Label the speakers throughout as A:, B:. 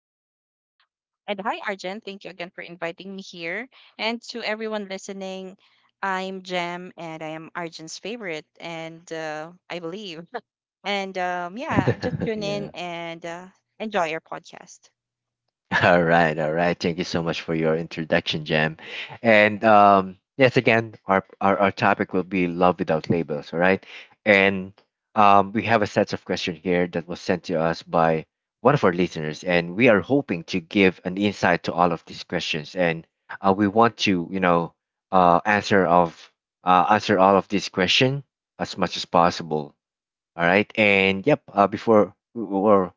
A: everyone. And hi, Arjen. Thank you again for inviting me here. And to everyone listening, I'm Jem and I am Arjen's favorite, and I believe. Just tune in
B: Yeah.
A: and enjoy your podcast.
B: All right, all right. Thank you so much for your introduction, Jam. And yes, again, our topic will be love without labels. All right, and we have a set of questions here that was sent to us by one of our listeners, and we are hoping to give an insight to all of these questions, and we want to, uh, answer of answer all of these questions as much as possible. All right, and yep. Before or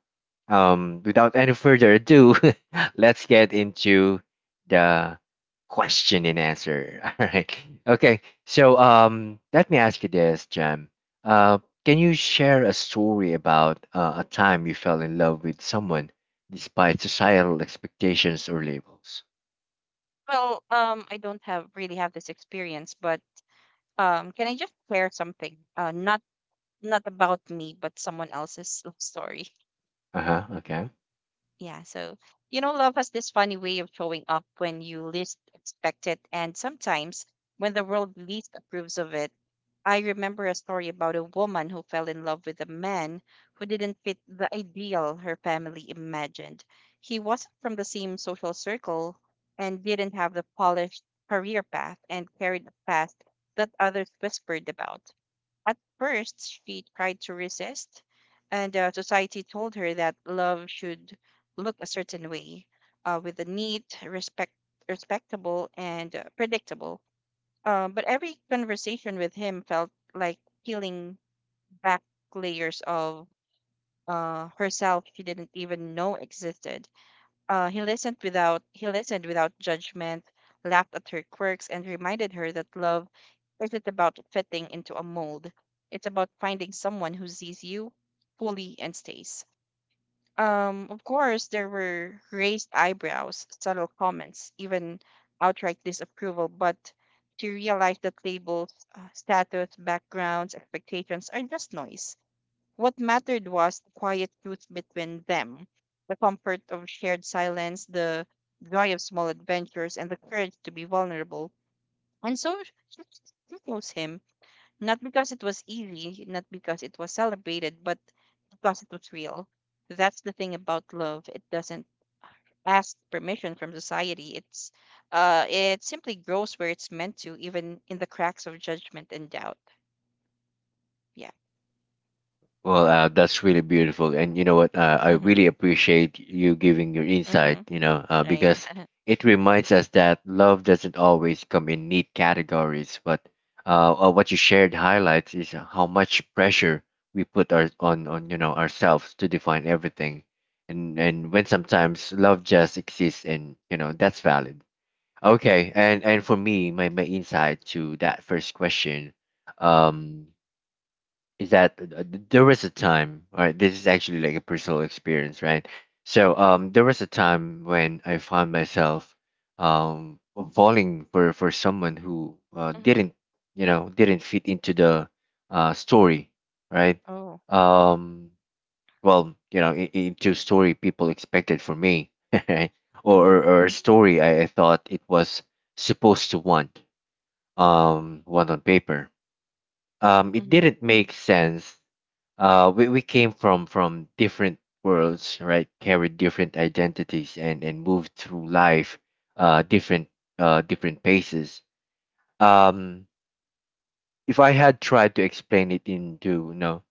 B: Without any further ado, let's get into the question and answer. All right. Okay. So let me ask you this, Jam. Uh, can you share a story about a time you fell in love with someone despite societal expectations or labels?
A: I don't have really have this experience, but can I just share something? Not about me, but someone else's love story.
B: Uh huh. Okay.
A: Yeah, so you know, love has this funny way of showing up when you least expect it, and sometimes when the world least approves of it. I remember a story about a woman who fell in love with a man who didn't fit the ideal her family imagined. He wasn't from the same social circle and didn't have the polished career path and carried a past that others whispered about. At first, she tried to resist, and society told her that love should look a certain way, with a neat, respectable, and predictable. But every conversation with him felt like peeling back layers of herself she didn't even know existed. He listened without judgment, laughed at her quirks, and reminded her that love isn't about fitting into a mold. It's about finding someone who sees you fully and stays. Of course, there were raised eyebrows, subtle comments, even outright disapproval, but she realized that labels, status, backgrounds, expectations are just noise. What mattered was the quiet truth between them, the comfort of shared silence, the joy of small adventures, and the courage to be vulnerable. And so she she chose him, not because it was easy, not because it was celebrated, but because it was real. That's the thing about love. It doesn't ask permission from society. It simply grows where it's meant to, even in the cracks of judgment and doubt. Yeah.
B: Well, that's really beautiful, and you know what? I really
A: Mm-hmm.
B: appreciate you giving your insight.
A: Mm-hmm.
B: You know,
A: Right.
B: because it reminds us that love doesn't always come in neat categories. But what you shared highlights is how much pressure we put on you know ourselves to define everything, and when sometimes love just exists, and you know that's valid. Okay, and for me, my insight to that first question, um, is that there was a time, all right? This is actually like a personal experience, right? So there was a time when I found myself um falling for someone who
A: Mm-hmm.
B: didn't, you know, didn't fit into the story, right?
A: Oh.
B: Um, well, you know, into story people expected for me, right?
A: Mm-hmm.
B: Or a story I thought it was supposed to want on paper. It
A: Mm-hmm.
B: didn't make sense we came from different worlds, right, carried different identities, and moved through life uh different different paces. um if I had tried to explain it into, you know,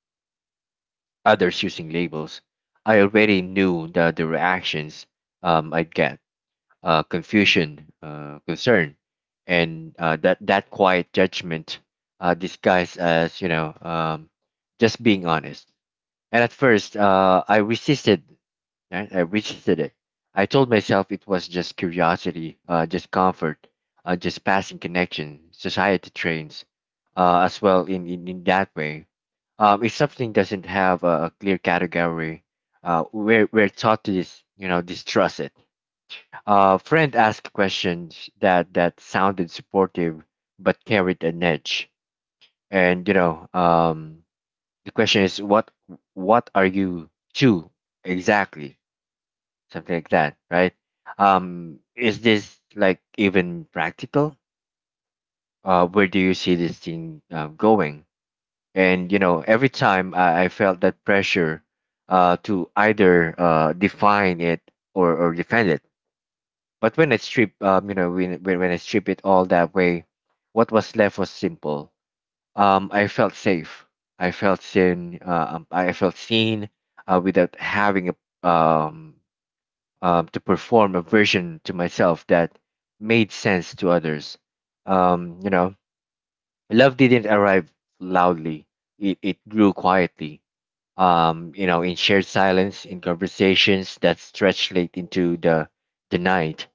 B: others using labels, I already knew the reactions I'd get, confusion, concern, and that that quiet judgment disguised as, you know, just being honest. And at first, I resisted. Right? I resisted it. I told myself it was just curiosity, just comfort, just passing connection. Society trains as well in, in that way. If something doesn't have a clear category, we're taught to you know distrust it. A friend asked questions that, that sounded supportive but carried an edge. And you know, the question is what are you to exactly? Something like that, right? Is this like even practical? Where do you see this thing going? And you know, every time I felt that pressure to either define it or defend it. But when I strip, you know, when I strip it all that way, what was left was simple. I felt safe. I felt seen. I felt seen without having a um to perform a version to myself that made sense to others. You know, love didn't arrive loudly. It grew quietly. You know, in shared silence, in conversations that stretched late into the night,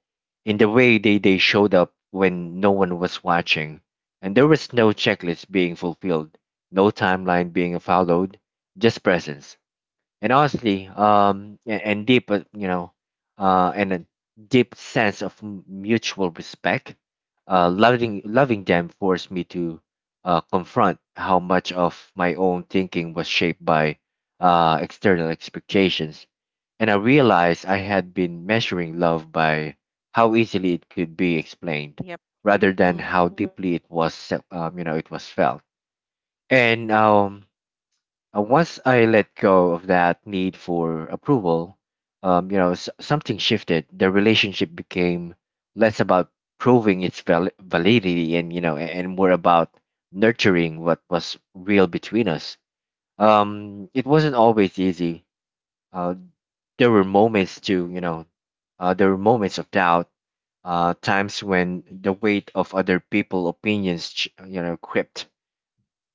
B: in the way they showed up when no one was watching, and there was no checklist being fulfilled, no timeline being followed, just presence and honestly, and deep, you know, and a deep sense of mutual respect. Loving them forced me to confront how much of my own thinking was shaped by external expectations, and I realized I had been measuring love by how easily it could be explained,
A: Yep.
B: rather than
A: Mm-hmm.
B: how deeply it was, you know, it was felt. And once I let go of that need for approval, you know, something shifted. The relationship became less about proving its validity, and you know, and more about nurturing what was real between us. It wasn't always easy. Uh, there were moments to you know, there were moments of doubt. Times when the weight of other people opinions, you know, crept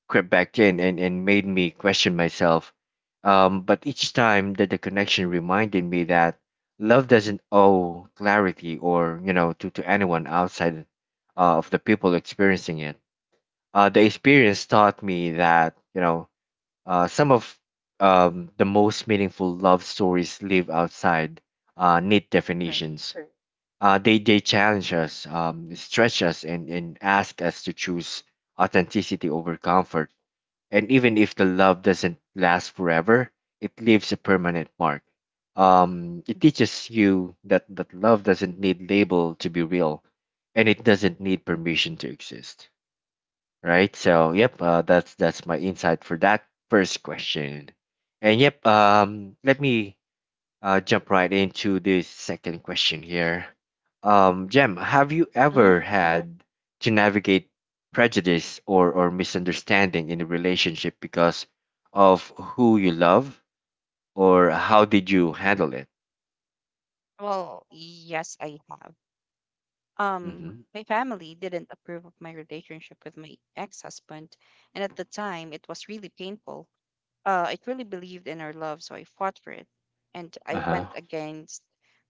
B: crept back in, and made me question myself. But each time that the connection reminded me that love doesn't owe clarity or, you know, to anyone outside of the people experiencing it. The experience taught me that, you know, some of the most meaningful love stories live outside neat
A: Right.
B: definitions. They challenge us, stretch us, and ask us to choose authenticity over comfort. And even if the love doesn't last forever, it leaves a permanent mark. It teaches you that that love doesn't need label to be real, and it doesn't need permission to exist. Right, so yep, that's my insight for that first question. And yep, let me jump right into the second question here. Jem, have you
A: Mm-hmm.
B: ever had to navigate prejudice or misunderstanding in a relationship because of who you love, or how did you handle it?
A: Well, yes, I have. Um,
B: Mm-hmm.
A: my family didn't approve of my relationship with my ex-husband, and at the time, it was really painful. I truly believed in our love, so I fought for it, and
B: Uh
A: I
B: huh.
A: went against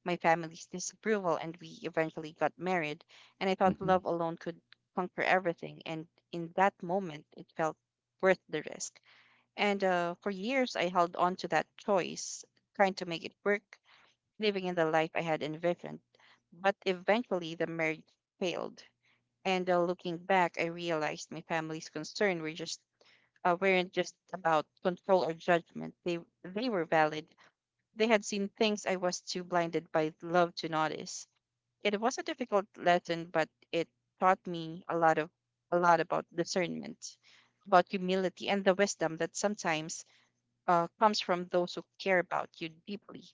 A: my family's disapproval, and we eventually got married. And I thought
B: Mm-hmm.
A: love alone could conquer everything, and in that moment, it felt worth the risk. And for years, I held on to that choice, trying to make it work, living in the life I had envisioned. But eventually, the marriage failed. And looking back, I realized my family's concern weren't just about control or judgment. They were valid. They had seen things I was too blinded by love to notice. It was a difficult lesson, but it taught me a lot about discernment, about humility, and the wisdom that sometimes comes from those who care about you deeply.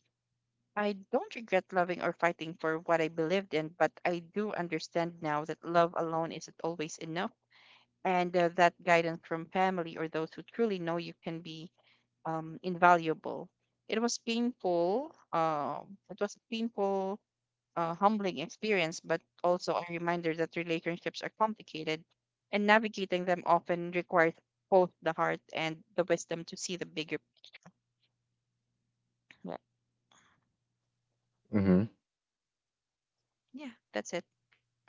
A: I don't regret loving or fighting for what I believed in, but I do understand now that love alone isn't always enough, and that guidance from family or those who truly know you can be invaluable. It was painful. It was a humbling experience, but also a reminder that relationships are complicated, and navigating them often requires both the heart and the wisdom to see the bigger. Yeah,
B: Mm-hmm.
A: yeah that's it.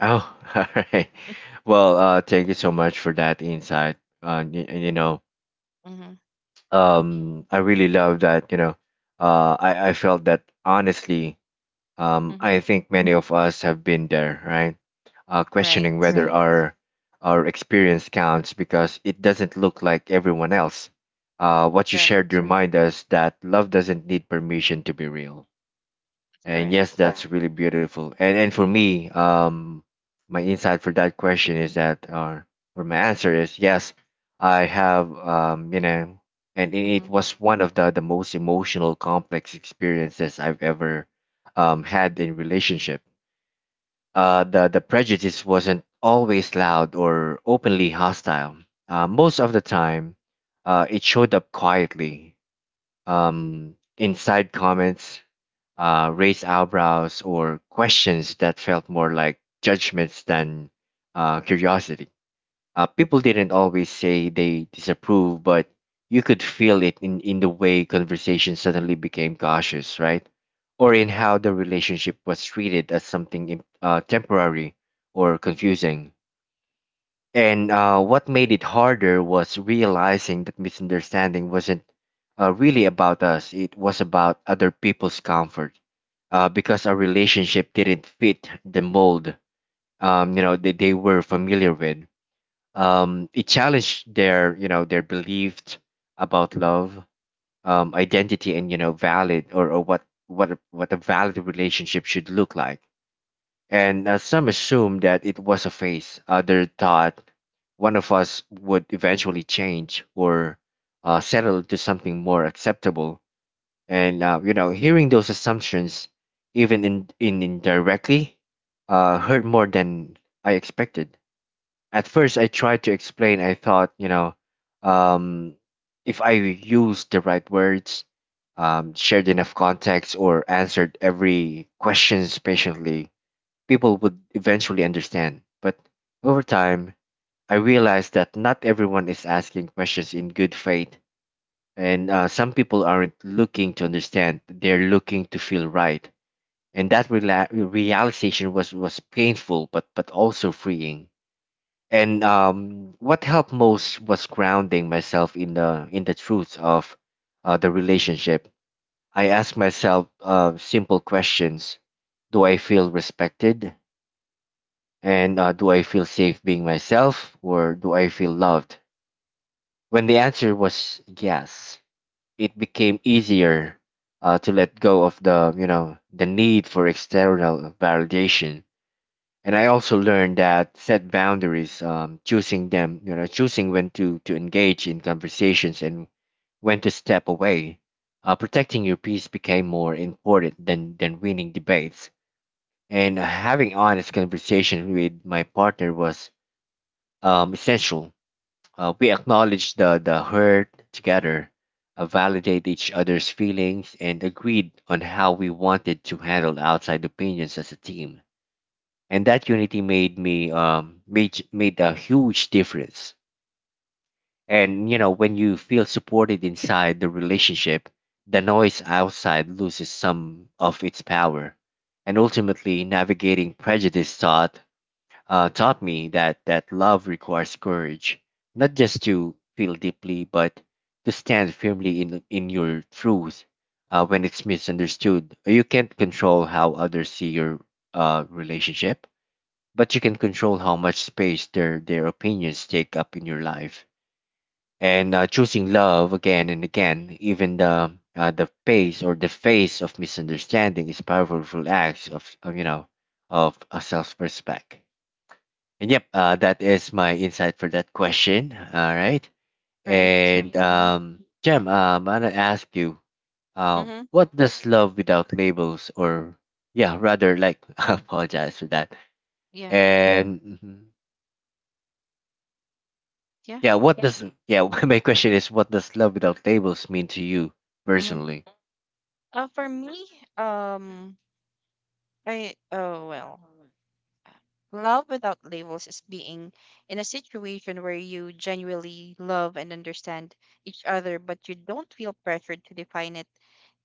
B: Oh, all right. Well, thank you so much for that insight. You know,
A: Mm-hmm.
B: I really love that. You know, I felt that honestly.
A: Mm-hmm.
B: I think many of us have been there, right? Questioning
A: Right.
B: whether our experience counts because it doesn't look like everyone else. What you shared
A: Right.
B: remind us that love doesn't need permission to be real. And yes,
A: Correct.
B: that's really beautiful. And for me, my insight for that question is that, or my answer is yes, I have, you know, and it
A: Mm-hmm.
B: it was one of the most emotional, complex experiences I've ever, had in relationship. The prejudice wasn't always loud or openly hostile. Most of the time, it showed up quietly, inside comments, raised eyebrows, or questions that felt more like judgments than curiosity. People didn't always say they disapprove, but you could feel it in the way conversation suddenly became cautious, right? Or in how the relationship was treated as something temporary or confusing. And what made it harder was realizing that misunderstanding wasn't really about us, it was about other people's comfort. Because our relationship didn't fit the mold, you know, that they were familiar with. It challenged their, you know, their beliefs about love, identity, and you know, valid or what a valid relationship should look like. And some assumed that it was a phase. Others thought one of us would eventually change or settle to something more acceptable. And you know, hearing those assumptions, even in indirectly, hurt more than I expected. At first, I tried to explain. I thought, you know, um, if I used the right words, shared enough context, or answered every questions patiently, people would eventually understand. But over time, I realized that not everyone is asking questions in good faith, and some people aren't looking to understand, they're looking to feel right. And that realization was painful, but also freeing. And what helped most was grounding myself in the truth of the relationship. I asked myself simple questions: Do I feel respected? And do I feel safe being myself, or do I feel loved? When the answer was yes, it became easier to let go of the, you know, the need for external validation. And I also learned that set boundaries, choosing them, you know, choosing when to engage in conversations and when to step away. Protecting your peace became more important than winning debates. And having honest conversation with my partner was essential. We acknowledge the hurt together, validate each other's feelings, and agreed on how we wanted to handle outside opinions as a team. And that unity made me made made a huge difference. And you know, when you feel supported inside the relationship, the noise outside loses some of its power. And ultimately, navigating prejudice taught me that love requires courage, not just to feel deeply, but to stand firmly in your truth. When it's misunderstood, you can't control how others see your relationship, but you can control how much space their opinions take up in your life. And choosing love again and again, even the face of misunderstanding is powerful acts of you know of a self-respect. And yep, that is my insight for that question. All right.
A: Right.
B: And
A: Mm-hmm.
B: Jem, I'm gonna ask you,
A: Mm-hmm.
B: what does love without labels, or, I apologize for that.
A: Yeah.
B: And mhm.
A: Yeah.
B: yeah, what does yeah? My question is, what does love without labels mean to you
A: Mm-hmm.
B: personally?
A: For me, um, I oh well, love without labels is being in a situation where you genuinely love and understand each other, but you don't feel pressured to define it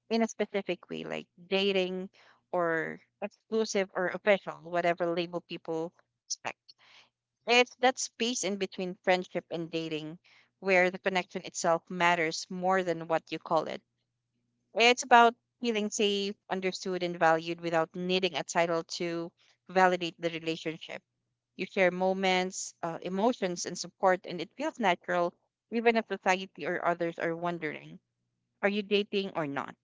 A: in a specific way, like dating or exclusive or official, whatever label people expect. It's that space in between friendship and dating where the connection itself matters more than what you call it. It's about feeling safe, understood, and valued without needing a title to validate the relationship. You share moments, emotions, and support, and it feels natural even if society or others are wondering. Are you dating or not?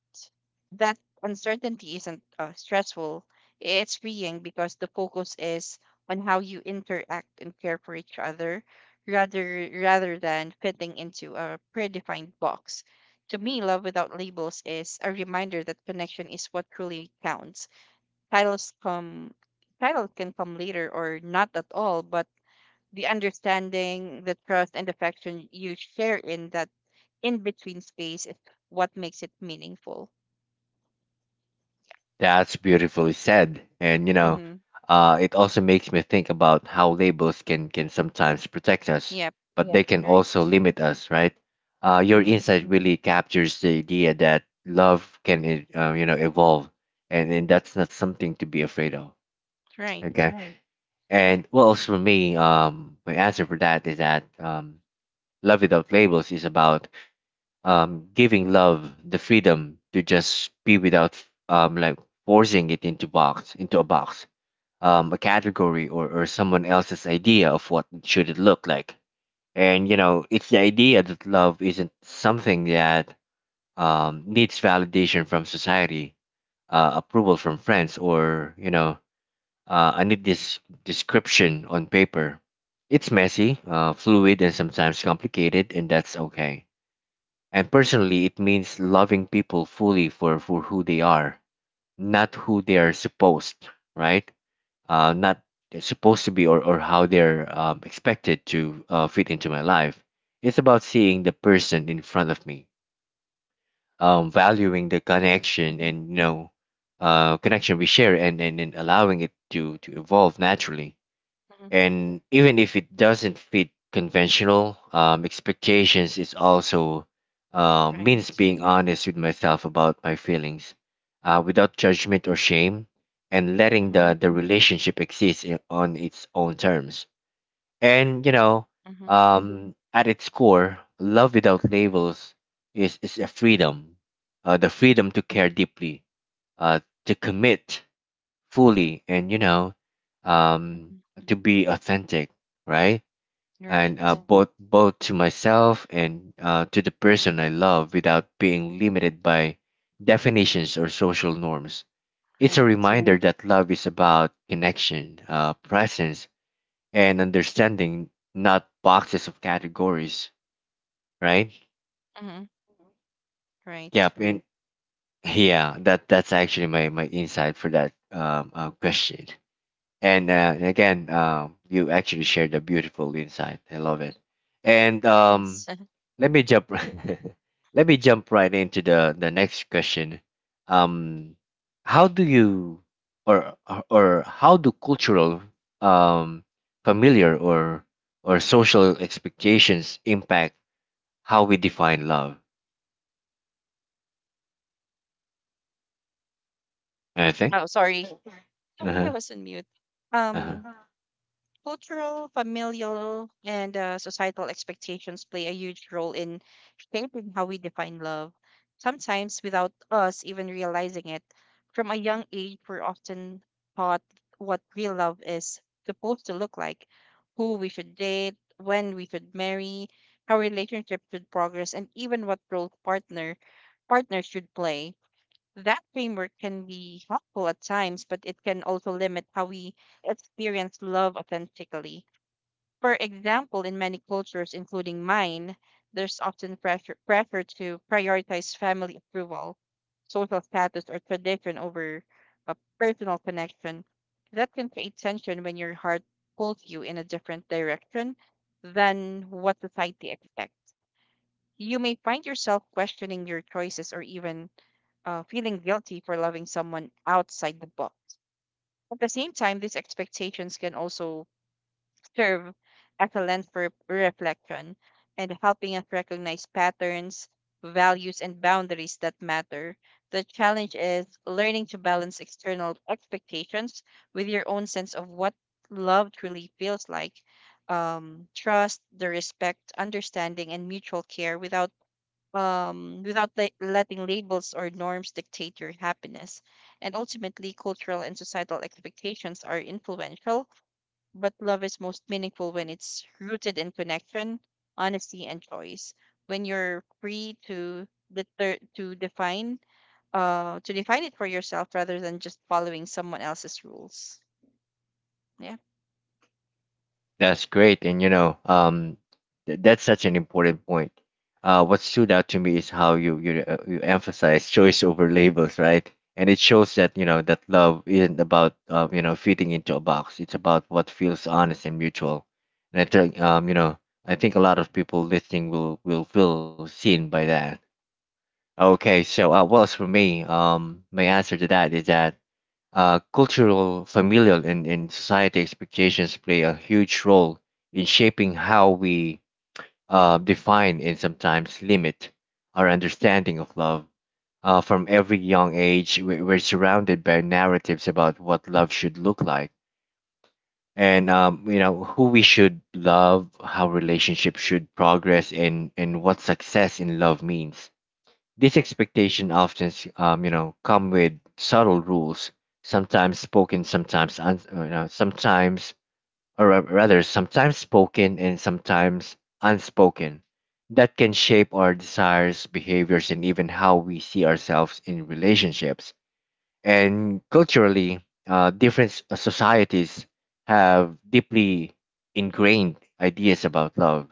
A: That uncertainty isn't stressful. It's freeing because the focus is on how you interact and care for each other rather than fitting into a predefined box. To me, love without labels is a reminder that connection is what truly counts. Titles come Title can come later or not at all, but the understanding, the trust and affection you share in that in between space is what makes it meaningful.
B: That's beautifully said. And you know,
A: Mm-hmm.
B: it also makes me think about how labels can sometimes protect us,
A: Yep.
B: but they can also
A: Right.
B: limit us, right? Your
A: Mm-hmm.
B: insight Mhm. really captures the idea that love can, you know, evolve, and that's not something to be afraid of.
A: Right.
B: Okay.
A: Mm-hmm.
B: And well, as for me, my answer for that is that love without labels is about giving love the freedom to just be without um, like forcing it into a box, a category, or someone else's idea of what should it look like. And you know, it's the idea that love isn't something that needs validation from society, approval from friends, or you know, I need this description on paper. It's messy, fluid, and sometimes complicated, and that's okay. And personally, it means loving people fully for who they are, not who they are supposed, right? Not they're supposed to be, or how they're expected to fit into my life. It's about seeing the person in front of me, valuing the connection
A: Mm-hmm.
B: and, you know, connection we share, and allowing it to evolve naturally,
A: Hmm.
B: and even if it doesn't fit conventional expectations. It also means
A: Right.
B: being honest with myself about my feelings, without judgment or shame, and letting
A: Mm-hmm.
B: the relationship exist in, on its own terms. And you know,
A: Mm-hmm.
B: at its core, love without labels is a freedom, the freedom to care deeply, uh, to commit fully, and you know, um
A: Hmm.
B: to be authentic, right? And
A: Right.
B: both both to myself and to the person I love, without being limited by definitions or social norms. It's a
A: Right.
B: reminder that love is about connection, presence, and understanding, not boxes of categories, right?
A: Mm-hmm. Right.
B: Yep. And yeah, that's actually my insight for that question. And and again, you actually shared a beautiful insight, I love it. And
A: Yes.
B: let me jump let me jump right into the next question. um, how do you, or how do cultural um, familiar or social expectations impact how we define love, anything?
A: Oh, sorry. I
B: uh-huh
A: was on mute. Um.
B: uh-huh
A: Cultural, familial, and societal expectations play a huge role in shaping how we define love, sometimes without us even realizing it. From a young age, we're often taught what real love is supposed to look like, who we should date, when we should marry, how relationships should progress, and even what role partners should play. That framework can be helpful at times, but it can also limit how we experience love authentically. For example, in many cultures, including mine, there's often pressure to prioritize family approval, social status, or tradition over a personal connection. That can create tension when your heart pulls you in a different direction than what society expects. You may find yourself questioning your choices or even feeling guilty for loving someone outside the box. At the same time, these expectations can also serve as a lens for reflection and helping us recognize patterns, values, and boundaries that matter. The challenge is learning to balance external expectations with your own sense of what love truly feels like. Trust, the respect, understanding, and mutual care without letting labels or norms dictate your happiness. And ultimately, cultural and societal expectations are influential but love is most meaningful when it's rooted in connection, honesty, and choice. When you're free to deter- to define define it for yourself rather than just following someone else's rules. Yeah.
B: That's great, and you know, that's such an important point. What stood out to me is how you emphasize choice over labels, right? And it shows that you know that love isn't about you know fitting into a box. It's about what feels honest and mutual. And I think you know, I think a lot of people listening will feel seen by that. Okay, so well, as for me, my answer to that is that cultural, familial, and society expectations play a huge role in shaping how we define and sometimes limit our understanding of love. From every young age, we're surrounded by narratives about what love should look like, and you know, who we should love, how relationships should progress, and what success in love means. These expectations often, you know, come with subtle rules, sometimes spoken, sometimes un- you know, sometimes, or ra- rather, sometimes spoken and sometimes unspoken, that can shape our desires, behaviors, and even how we see ourselves in relationships. And culturally, societies have deeply ingrained ideas about love.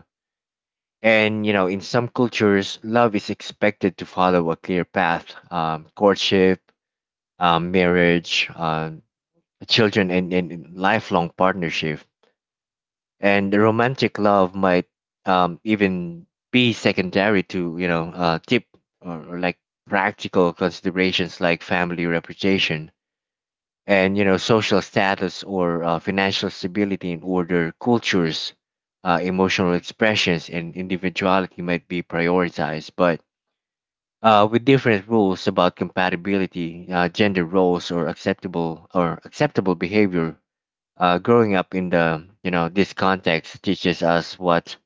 B: And you know, in some cultures, love is expected to follow a clear path: courtship, marriage, children, and, and lifelong partnership. And the romantic love might even be secondary to, you know, tip or like practical considerations like family reputation, and you know social status, or financial stability. In order cultures, emotional expressions and individuality might be prioritized, but with different rules about compatibility, gender roles, or acceptable behavior. Growing up in the you know this context teaches us what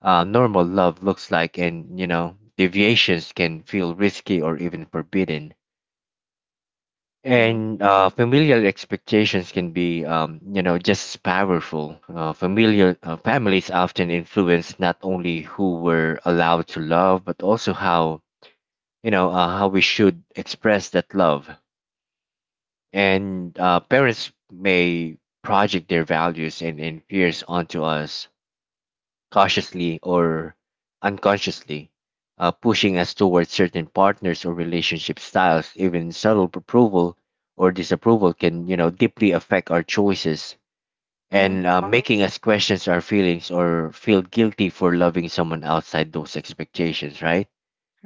B: normal love looks like, and you know deviations can feel risky or even forbidden.
A: Mhm.
B: And familial expectations can be, you know, just as powerful. Familiar Families often influence not only who we're allowed to love, but also how, you know, how we should express that love. And parents may project their values and fears onto us, cautiously or unconsciously, pushing us towards certain partners or relationship styles. Even subtle approval or disapproval can, you know, deeply affect our choices,
A: Mhm.
B: and making us question our feelings or feel guilty for loving someone outside those expectations, right?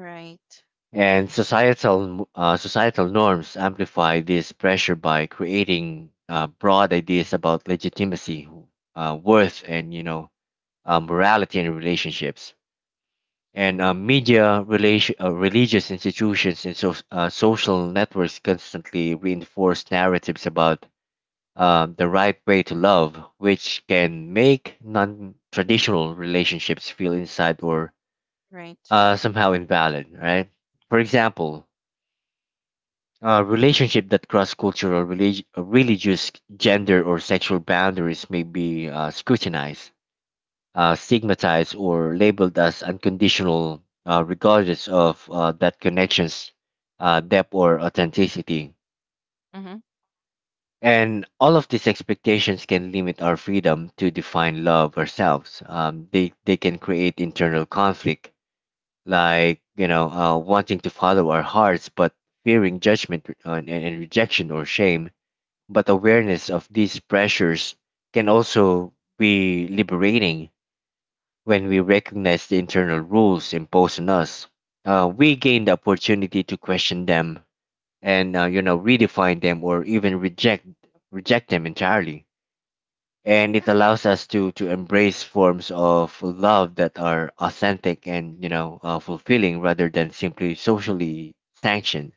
A: Right.
B: And societal norms amplify this pressure by creating broad ideas about legitimacy, worth, and you know morality in relationships. And uh, media, religious institutions, and so, social networks constantly reinforce narratives about the right way to love, which can make non-traditional relationships feel inside or
A: Right.
B: somehow invalid. Right? For example, relationship that cross cultural, religious, gender, or sexual boundaries may be scrutinized, stigmatized, or labeled as unconditional, regardless of that connection's depth or authenticity.
A: Mhm.
B: And all of these expectations can limit our freedom to define love ourselves. They can create internal conflict, like you know, wanting to follow our hearts but fearing judgment, and rejection or shame. But awareness of these pressures can also be liberating, when we recognize the internal rules imposed on us. We gain the opportunity to question them, and you know, redefine them, or even reject them entirely. And it allows us to embrace forms of love that are authentic and you know fulfilling, rather than simply socially sanctioned.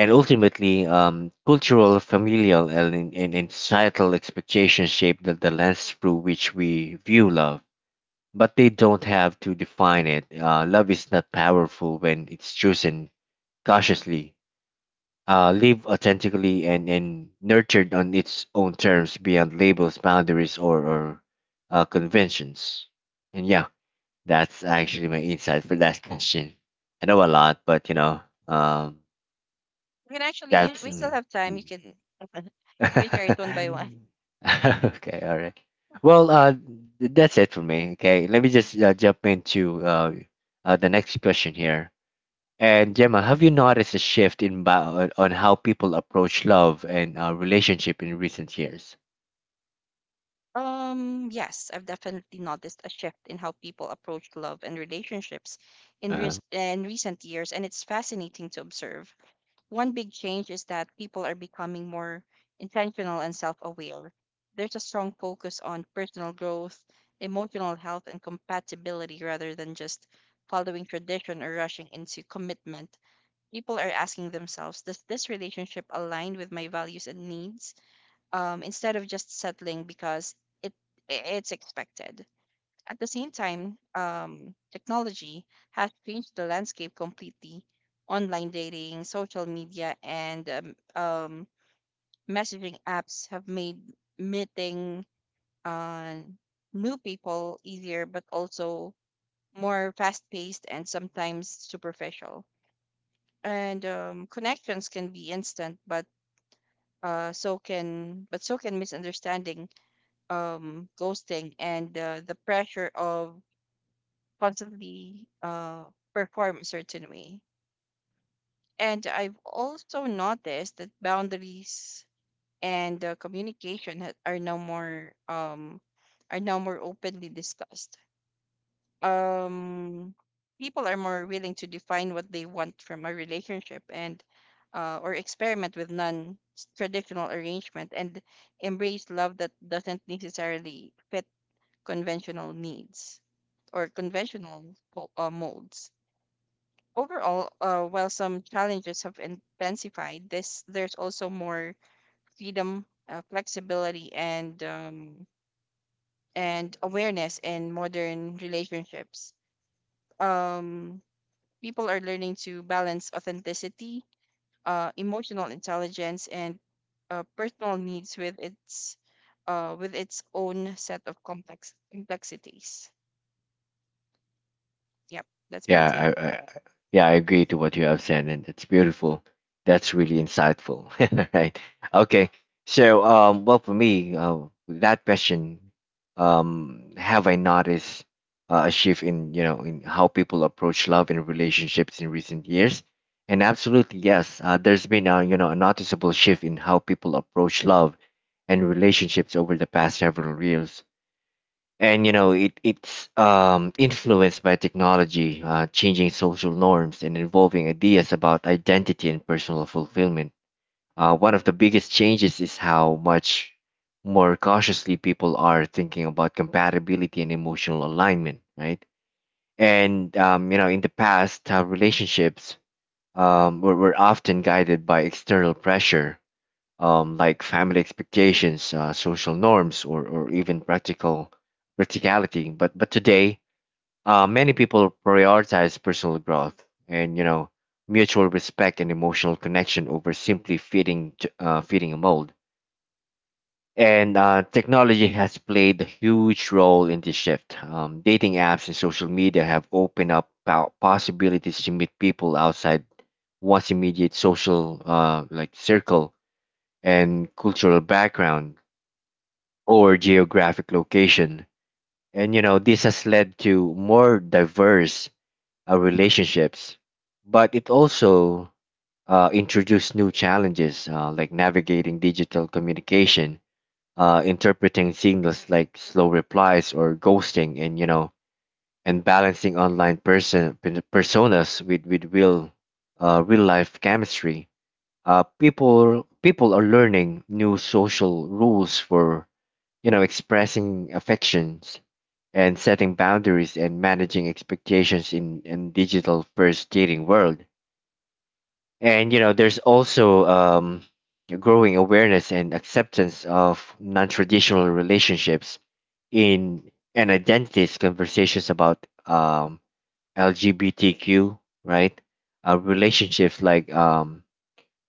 B: And ultimately, cultural, familial, and societal expectations shape the lens through which we view love, but they don't have to define it. Uh, love is not powerful when it's chosen cautiously, live authentically, and nurtured on its own terms, beyond labels, boundaries, or conventions. And yeah, that's actually my insight for that question. I know a lot, but you know, um,
A: You can actually
B: that's
A: we still
B: mm,
A: have time.
B: mm.
A: You can you can share it one by one.
B: Okay, all right. Well, that's it for me. Okay, let me just jump into the next question here. And Gemma, have you noticed a shift on how people approach love and relationship in recent years?
A: Yes, I've definitely noticed a shift in how people approach love and relationships
B: Uh-huh.
A: in recent years, and it's fascinating to observe. One big change is that people are becoming more intentional and self aware. There's a strong focus on personal growth, emotional health, and compatibility rather than just following tradition or rushing into commitment. People are asking themselves, does this relationship align with my values and needs? Instead of just settling because it it's expected. At the same time, technology has changed the landscape completely. Online dating, social media, and messaging apps have made meeting uh, new people easier, but also more fast paced and sometimes superficial. And connections can be instant, but so can but so can misunderstanding, ghosting, and the pressure of constantly perform a certain way. And I've also noticed that boundaries and communication ha- are no more are now more openly discussed. Um, People are more willing to define what they want from a relationship and or experiment with non-traditional arrangement and embrace love that doesn't necessarily fit conventional needs or conventional molds. Overall, while some challenges have intensified, this there's also more freedom, flexibility, and awareness in modern relationships. Um, People are learning to balance authenticity, emotional intelligence, and personal needs with its own set of complexities. Yep, that's my take.
B: Yeah, I agree to what you have said, and it's beautiful. That's really insightful, right? Okay, so well, for me, that question, have I noticed a shift in you know in how people approach love and relationships in recent years? And absolutely yes, there's been a you know a noticeable shift in how people approach love and relationships over the past several years. And you know it it's influenced by technology, changing social norms, and evolving ideas about identity and personal fulfillment. One of the biggest changes is how much more cautiously people are thinking about compatibility and emotional alignment, right? And you know, in the past, relationships were often guided by external pressure, like family expectations, social norms, or even practicality. But today, many people prioritize personal growth, and you know mutual respect and emotional connection, over simply fitting a mold. And technology has played a huge role in this shift. Dating apps and social media have opened up possibilities to meet people outside one's immediate social circle and cultural background or geographic location. And you know, this has led to more diverse relationships, but it also introduced new challenges, like navigating digital communication, interpreting signals like slow replies or ghosting, and you know, and balancing online personas with real real life chemistry. People are learning new social rules for, you know, expressing affections and setting boundaries and managing expectations in digital first dating world. And you know, there's also growing awareness and acceptance of non-traditional relationships in and identities, conversations about um LGBTQ, right, relationships like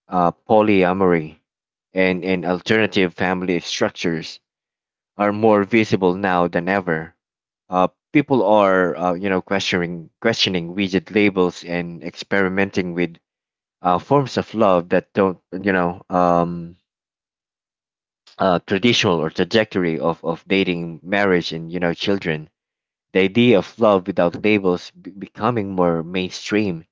B: polyamory and alternative family structures are more visible now than ever. People are, you know, questioning rigid labels and experimenting with, forms of love that don't, you know, traditional or trajectory of dating, marriage, and you know, children. The idea of love without labels becoming more mainstream,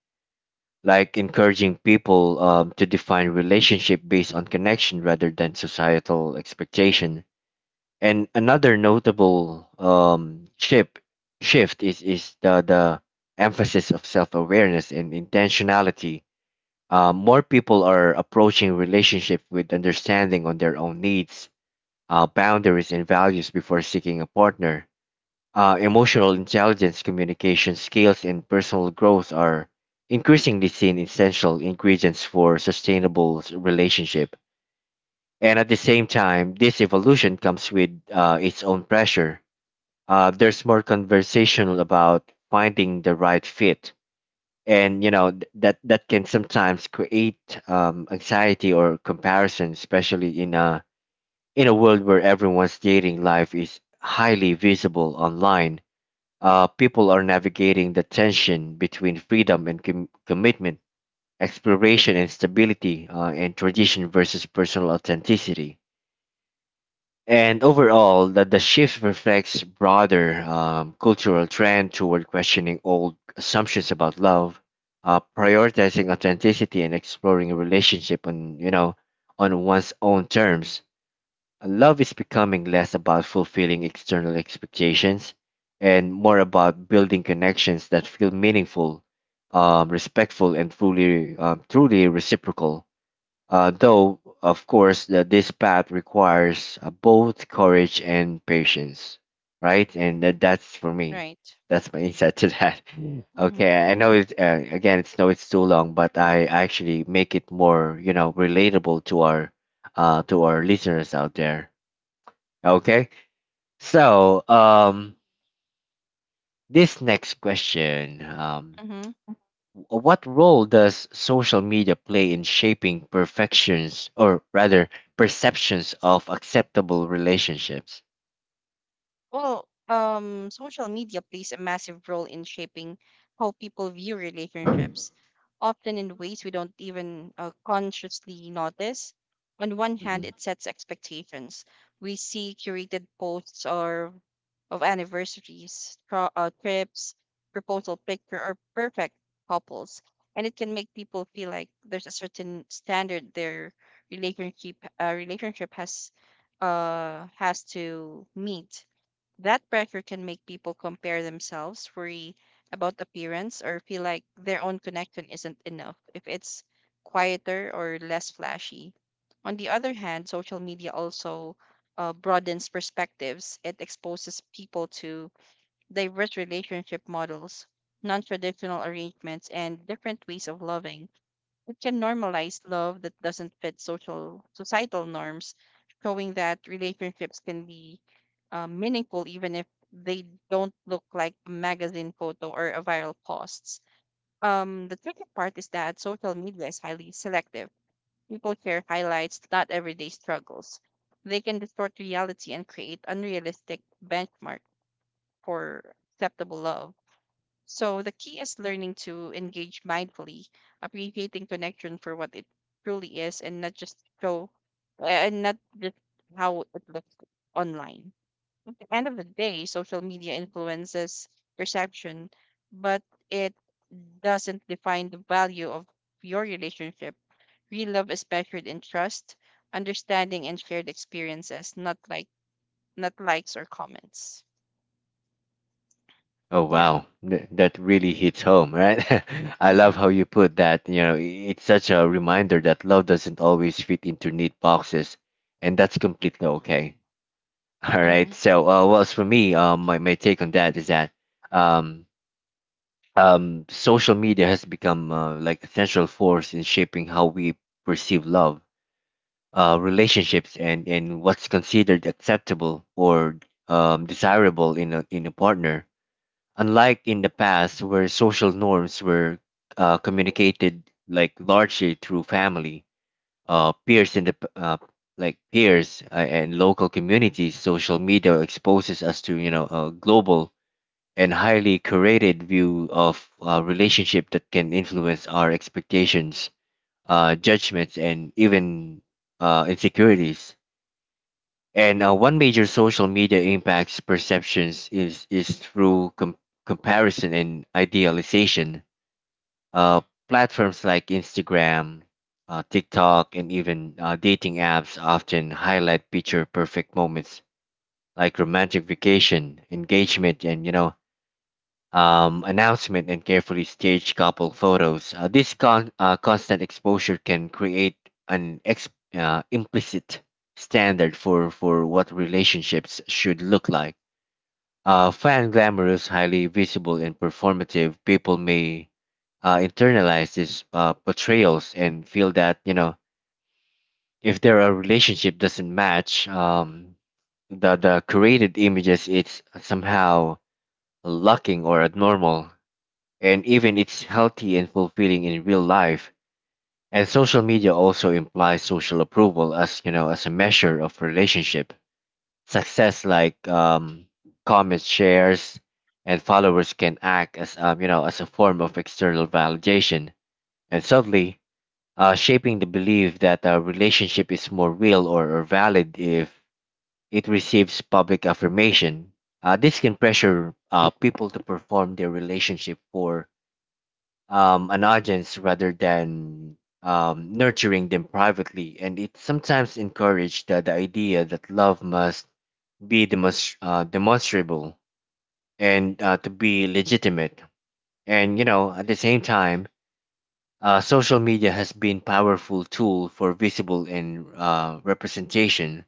B: like encouraging people, to define relationship based on connection rather than societal expectation. And another notable shift is the emphasis of self awareness and intentionality. More people are approaching relationship with understanding on their own needs, boundaries, and values before seeking a partner. Emotional intelligence, communication skills, and personal growth are increasingly seen essential ingredients for sustainable relationship. And at the same time, this evolution comes with, its own pressure. There's more conversational about finding the right fit, and you know, that can sometimes create anxiety or comparison, especially in a world where everyone's dating life is highly visible online. People are navigating the tension between freedom and commitment, exploration and stability, and tradition versus personal authenticity. And overall, that the shift reflects broader cultural trend toward questioning old assumptions about love, prioritizing authenticity, and exploring a relationship on, you know, on one's own terms. Love is becoming less about fulfilling external expectations and more about building connections that feel meaningful, respectful, and truly truly reciprocal. Though, of course, that this path requires, both courage and patience, right? And that's for me.
A: Right.
B: That's my insight to that. Mm. Okay, I know it. Again, it's no, it's too long, but I actually make it more, you know, relatable to our listeners out there. Okay, so this next question,
A: Mm-hmm.
B: What role does social media play in shaping perfections, or rather, perceptions of acceptable relationships?
A: Well, social media plays a massive role in shaping how people view relationships, often in ways we don't even consciously notice. On one hand,
B: Hmm.
A: it sets expectations. We see curated posts or of anniversaries, trips, proposal picture, or perfect couples, and it can make people feel like there's a certain standard their relationship has to meet. That pressure can make people compare themselves, worry about appearance, or feel like their own connection isn't enough if it's quieter or less flashy. On the other hand, social media also broadens perspectives. It exposes people to diverse relationship models, non traditional arrangements, and different ways of loving. It can normalize love that doesn't fit social societal norms, showing that relationships can be meaningful even if they don't look like a magazine photo or a viral posts. The tricky part is that social media is highly selective. People share highlights, not everyday struggles. They can distort reality and create unrealistic benchmark for acceptable love. So the key is learning to engage mindfully, appreciating connection for what it truly is, and not just show, and not just how it looks online. At the end of the day, social media influences perception, but it doesn't define the value of your relationship. Real love is measured in trust, understanding, and shared experiences, not likes or comments.
B: Oh
A: Yeah.
B: wow, that really hits home, right? I love
A: Mm-hmm.
B: how you put that. You know, it's such a reminder that love doesn't always fit into neat boxes, and that's completely okay. All
A: Mm-hmm.
B: right. So, well, as for me, my take on that is that, um, social media has become, like a central force in shaping how we perceive love, relationships and what's considered acceptable or desirable in a partner. Unlike in the past, where social norms were, communicated like largely through family, peers in the p- like peers, and local communities, social media exposes us to, you know, a global and highly curated view of, relationship that can influence our expectations, judgments, and even, insecurities. And one major social media impacts perceptions is through comparison and idealization. Uh, Platforms like Instagram, TikTok, and even, dating apps often highlight picture perfect moments like romantic vacation, engagement, and you know, announcement and carefully staged couple photos. Constant exposure can create an ex- implicit standard for what relationships should look like. Fan glamorous, highly visible, and performative, people may, internalize these, portrayals and feel that, you know, if their, relationship doesn't match, the created images, it's somehow lacking or abnormal, and even it's healthy and fulfilling in real life. And social media also implies social approval as, you know, as a measure of relationship success, like, comments, shares, and followers can act as, you know, as a form of external validation, and subtly, shaping the belief that a relationship is more real or valid if it receives public affirmation. This can pressure, people to perform their relationship for, an audience rather than, nurturing them privately. And it sometimes encouraged the idea that love must be demonstrable and, to be legitimate. And, you know, at the same time, social media has been powerful tool for visible and, representation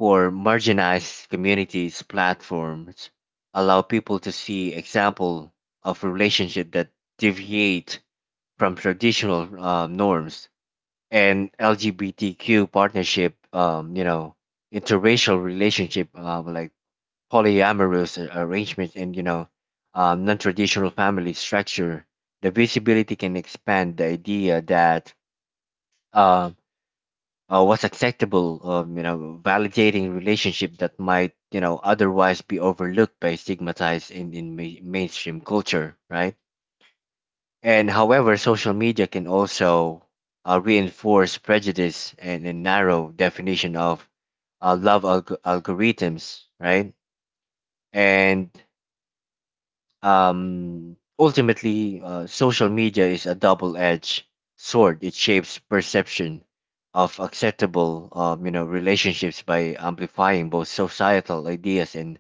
B: for marginalized communities platforms allow people to see example of relationship that deviate from traditional, norms and LGBTQ partnership, you know, interracial relationship, like polyamorous arrangements and, you know, non-traditional family structure, the visibility can expand the idea that, uh, what's acceptable, you know, validating relationship that might, you know, otherwise be overlooked by stigmatized in mainstream culture, right? And however, social media can also, reinforce prejudice and a narrow definition of, algorithms, right? And ultimately, social media is a double edged sword. It shapes perception of acceptable, you know, relationships by amplifying both societal ideas and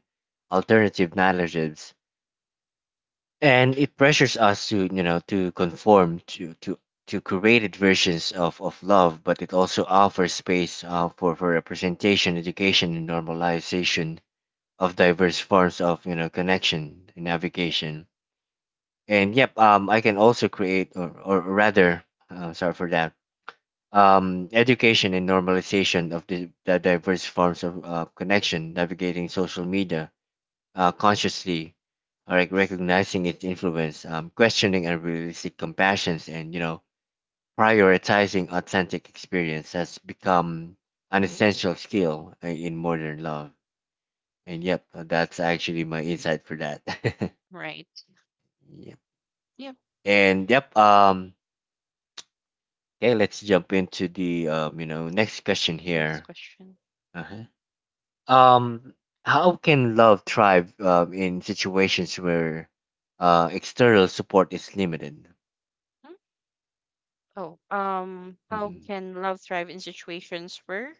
B: alternative narratives, and it pressures us to, you know, to conform to curated versions of love, but it also offers space, for representation, education and normalization of diverse forms of, you know, connection and navigation. And yep, I can also create or rather, sorry for that, education and normalization of the diverse forms of, connection, navigating social media, consciously, like recognizing its influence, questioning unrealistic compassions, and you know, prioritizing authentic experience has become an essential skill, in modern love. And yep, that's actually my insight for that.
A: Right.
B: Yep.
A: Yeah.
B: And yep. Okay, let's jump into the you know next question
A: Next
B: here.
A: question.
B: Uh-huh. Um, how can love thrive, in situations where, external support is limited?
A: Hmm? Oh, how
B: Hmm.
A: can love thrive in situations where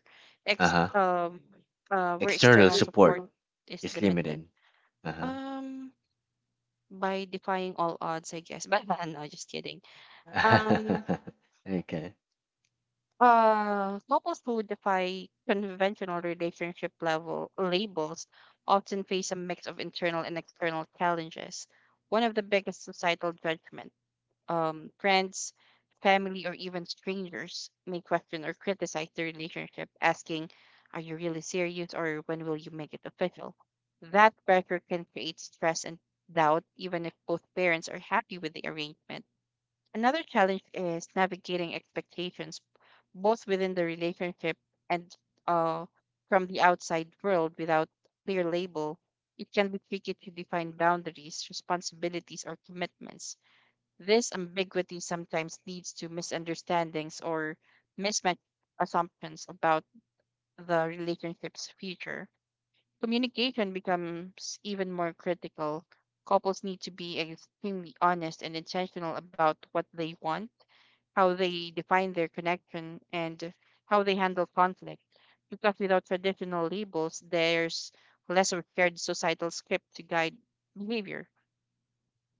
B: Uh
A: ex
B: huh.
A: where
B: External
A: external support
B: support
A: is
B: is
A: limited?
B: limited. Uh
A: Um, by defying all odds, I guess. But no, just kidding. Um,
B: huh. Okay.
A: Couples who defy conventional relationship level labels often face a mix of internal and external challenges. One of the biggest societal judgments. Friends, family, or even strangers may question or criticize the relationship, asking, "Are you really serious?" or "When will you make it official?" That pressure can create stress and doubt, even if both parents are happy with the arrangement. Another challenge is navigating expectations, both within the relationship and uh, from the outside world without clear label. It can be tricky to define boundaries, responsibilities, or commitments. This ambiguity sometimes leads to misunderstandings or mismatched assumptions about the relationship's future. Communication becomes even more critical. Couples need to be extremely honest and intentional about what they want, how they define their connection, and how they handle conflict. Because without traditional labels, there's less of a shared societal script to guide behavior.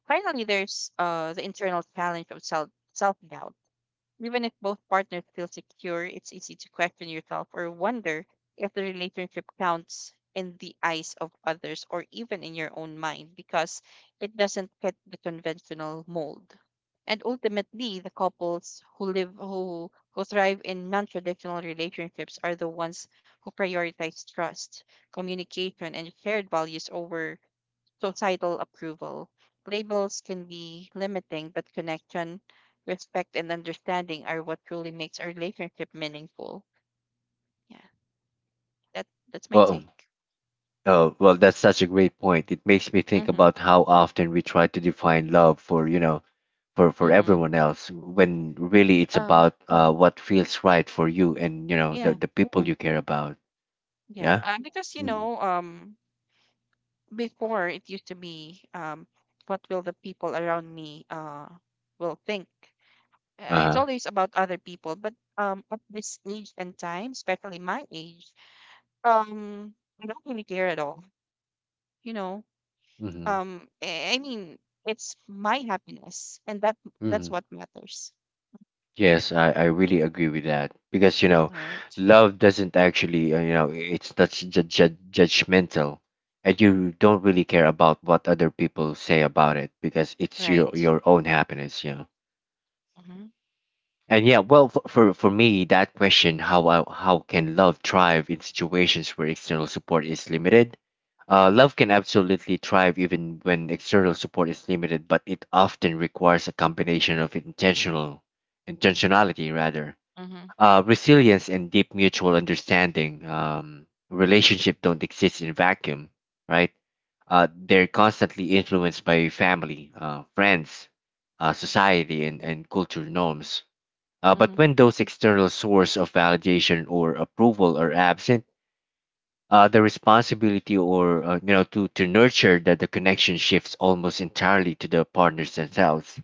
A: Finally, there's the internal challenge of self doubt. Even if both partners feel secure, it's easy to question yourself or wonder if the relationship counts in the eyes of others or even in your own mind because it doesn't fit the conventional mold. And ultimately, the couples who live who thrive in non-traditional relationships are the ones who prioritize trust, communication, and shared values over societal approval. Labels can be limiting, but connection, respect, and understanding are what truly makes a relationship meaningful. Yeah, that that's my
B: Well,
A: take.
B: oh, well, that's such a great point. It makes me think
A: Mm-hmm.
B: about how often we try to define love for, you know, for
A: Mm-hmm.
B: everyone else when really it's
A: Um.
B: about, uh, what feels right for you and, you know,
A: Yeah.
B: the people you care about.
A: Yeah.
B: Yeah.
A: Because you
B: Mm-hmm.
A: know, before it used to be, what will the people around me, will think?
B: Uh
A: It's
B: huh.
A: always about other people, but at this age and time, especially my age, um, I don't really care at all. You know,
B: Mm-hmm.
A: I mean it's my happiness and that's what matters.
B: Yes, I really agree with that because, you know,
A: All right.
B: love doesn't actually, you know, it's not judgmental, and you don't really care about what other people say about it because it's your
A: Right.
B: your own happiness, you know.
A: Mm-hmm.
B: And yeah, well, for me, that question how I, how can love thrive in situations where external support is limited? Love can absolutely thrive even when external support is limited, but it often requires a combination of intentionality rather,
A: Mm-hmm.
B: resilience and deep mutual understanding. Relationship don't exist in vacuum, right? They're constantly influenced by family, friends, society, and cultural norms. But
A: Hmm.
B: when those external source of validation or approval are absent, the responsibility or, you know, to nurture that the connection shifts almost entirely to the partners themselves.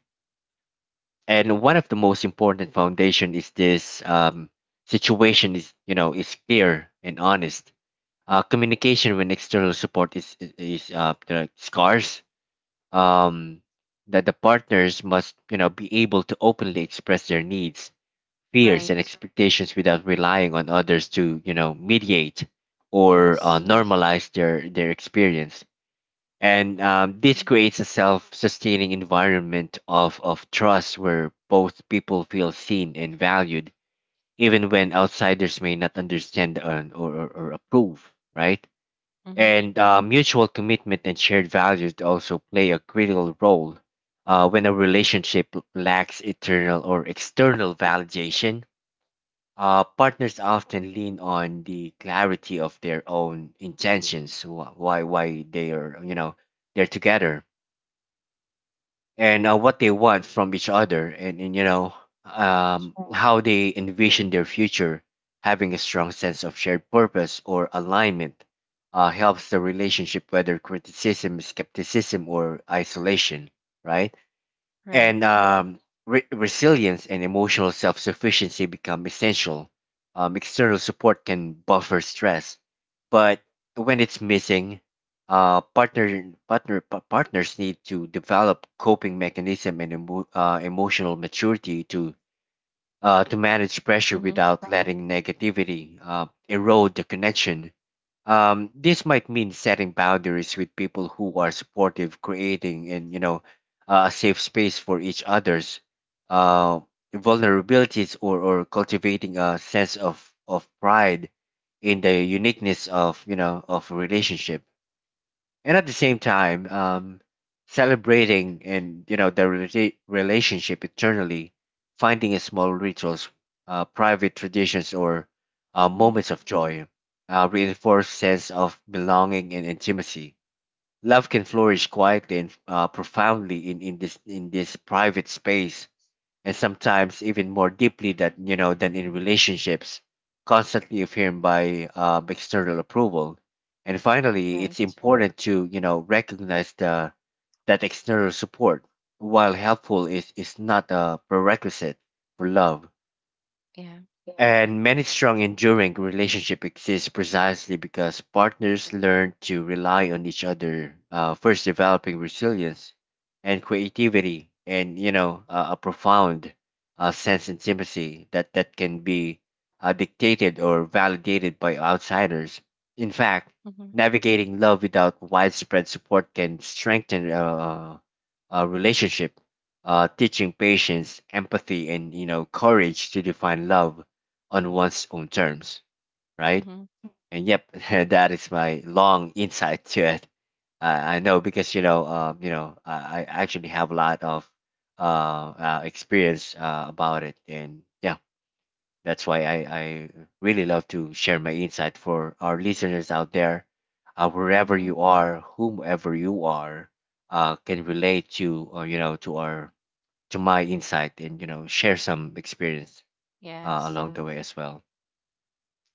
B: And one of the most important foundation is this, situation is, you know, is clear and honest, communication when external support is the scarce, um, that the partners must, you know, be able to openly express their needs, fears
A: Right.
B: and expectations without relying on others to, you know, mediate or,
A: Yes.
B: normalize their experience, and
A: Hmm.
B: this creates a self sustaining environment of trust where both people feel seen and valued, even when outsiders may not understand or, or or approve, right?
A: Hmm.
B: And mutual commitment and shared values also play a critical role, when a relationship lacks internal or external validation. Partners often lean on the clarity of their own intentions, why they are they're together, and what they want from each other, and
A: Right.
B: how they envision their future. Having a strong sense of shared purpose or alignment helps the relationship whether criticism, skepticism, or isolation, right?
A: Right.
B: and Resilience and emotional self-sufficiency become essential. External support can buffer stress, but when it's missing, partners need to develop coping mechanism and emotional maturity to manage pressure
A: Mm-hmm.
B: without letting negativity erode the connection. This might mean setting boundaries with people who are supportive, creating and you know a safe space for each other's uh, vulnerabilities, or cultivating a sense of pride in the uniqueness of of a relationship, and at the same time celebrating and you know the relationship eternally, finding a small rituals, private traditions, or
A: Mm-hmm.
B: moments of joy reinforce sense of belonging and intimacy. Love can flourish quietly and profoundly in this private space, and sometimes even more deeply than than in relationships, constantly affirmed by external approval. And finally, it's
A: Right.
B: important to recognize the that external support, while helpful, is not a prerequisite for love.
A: Yeah.
B: And many strong, enduring relationships exist precisely because partners learn to rely on each other, first developing resilience and creativity, and a profound sense of intimacy that can be dictated or validated by outsiders. In fact,
A: Mm-hmm.
B: navigating love without widespread support can strengthen a relationship, teaching patience, empathy, and courage to define love on one's own terms, right?
A: Mm-hmm.
B: And yep, that is my long insight to it. I know because I actually have a lot of uh, experience about it, and yeah, that's why I really love to share my insight for our listeners out there, wherever
A: Mm-hmm.
B: you are, whomever you are, can relate to to our to my insight and share some experience
A: Yes.
B: along the way as well.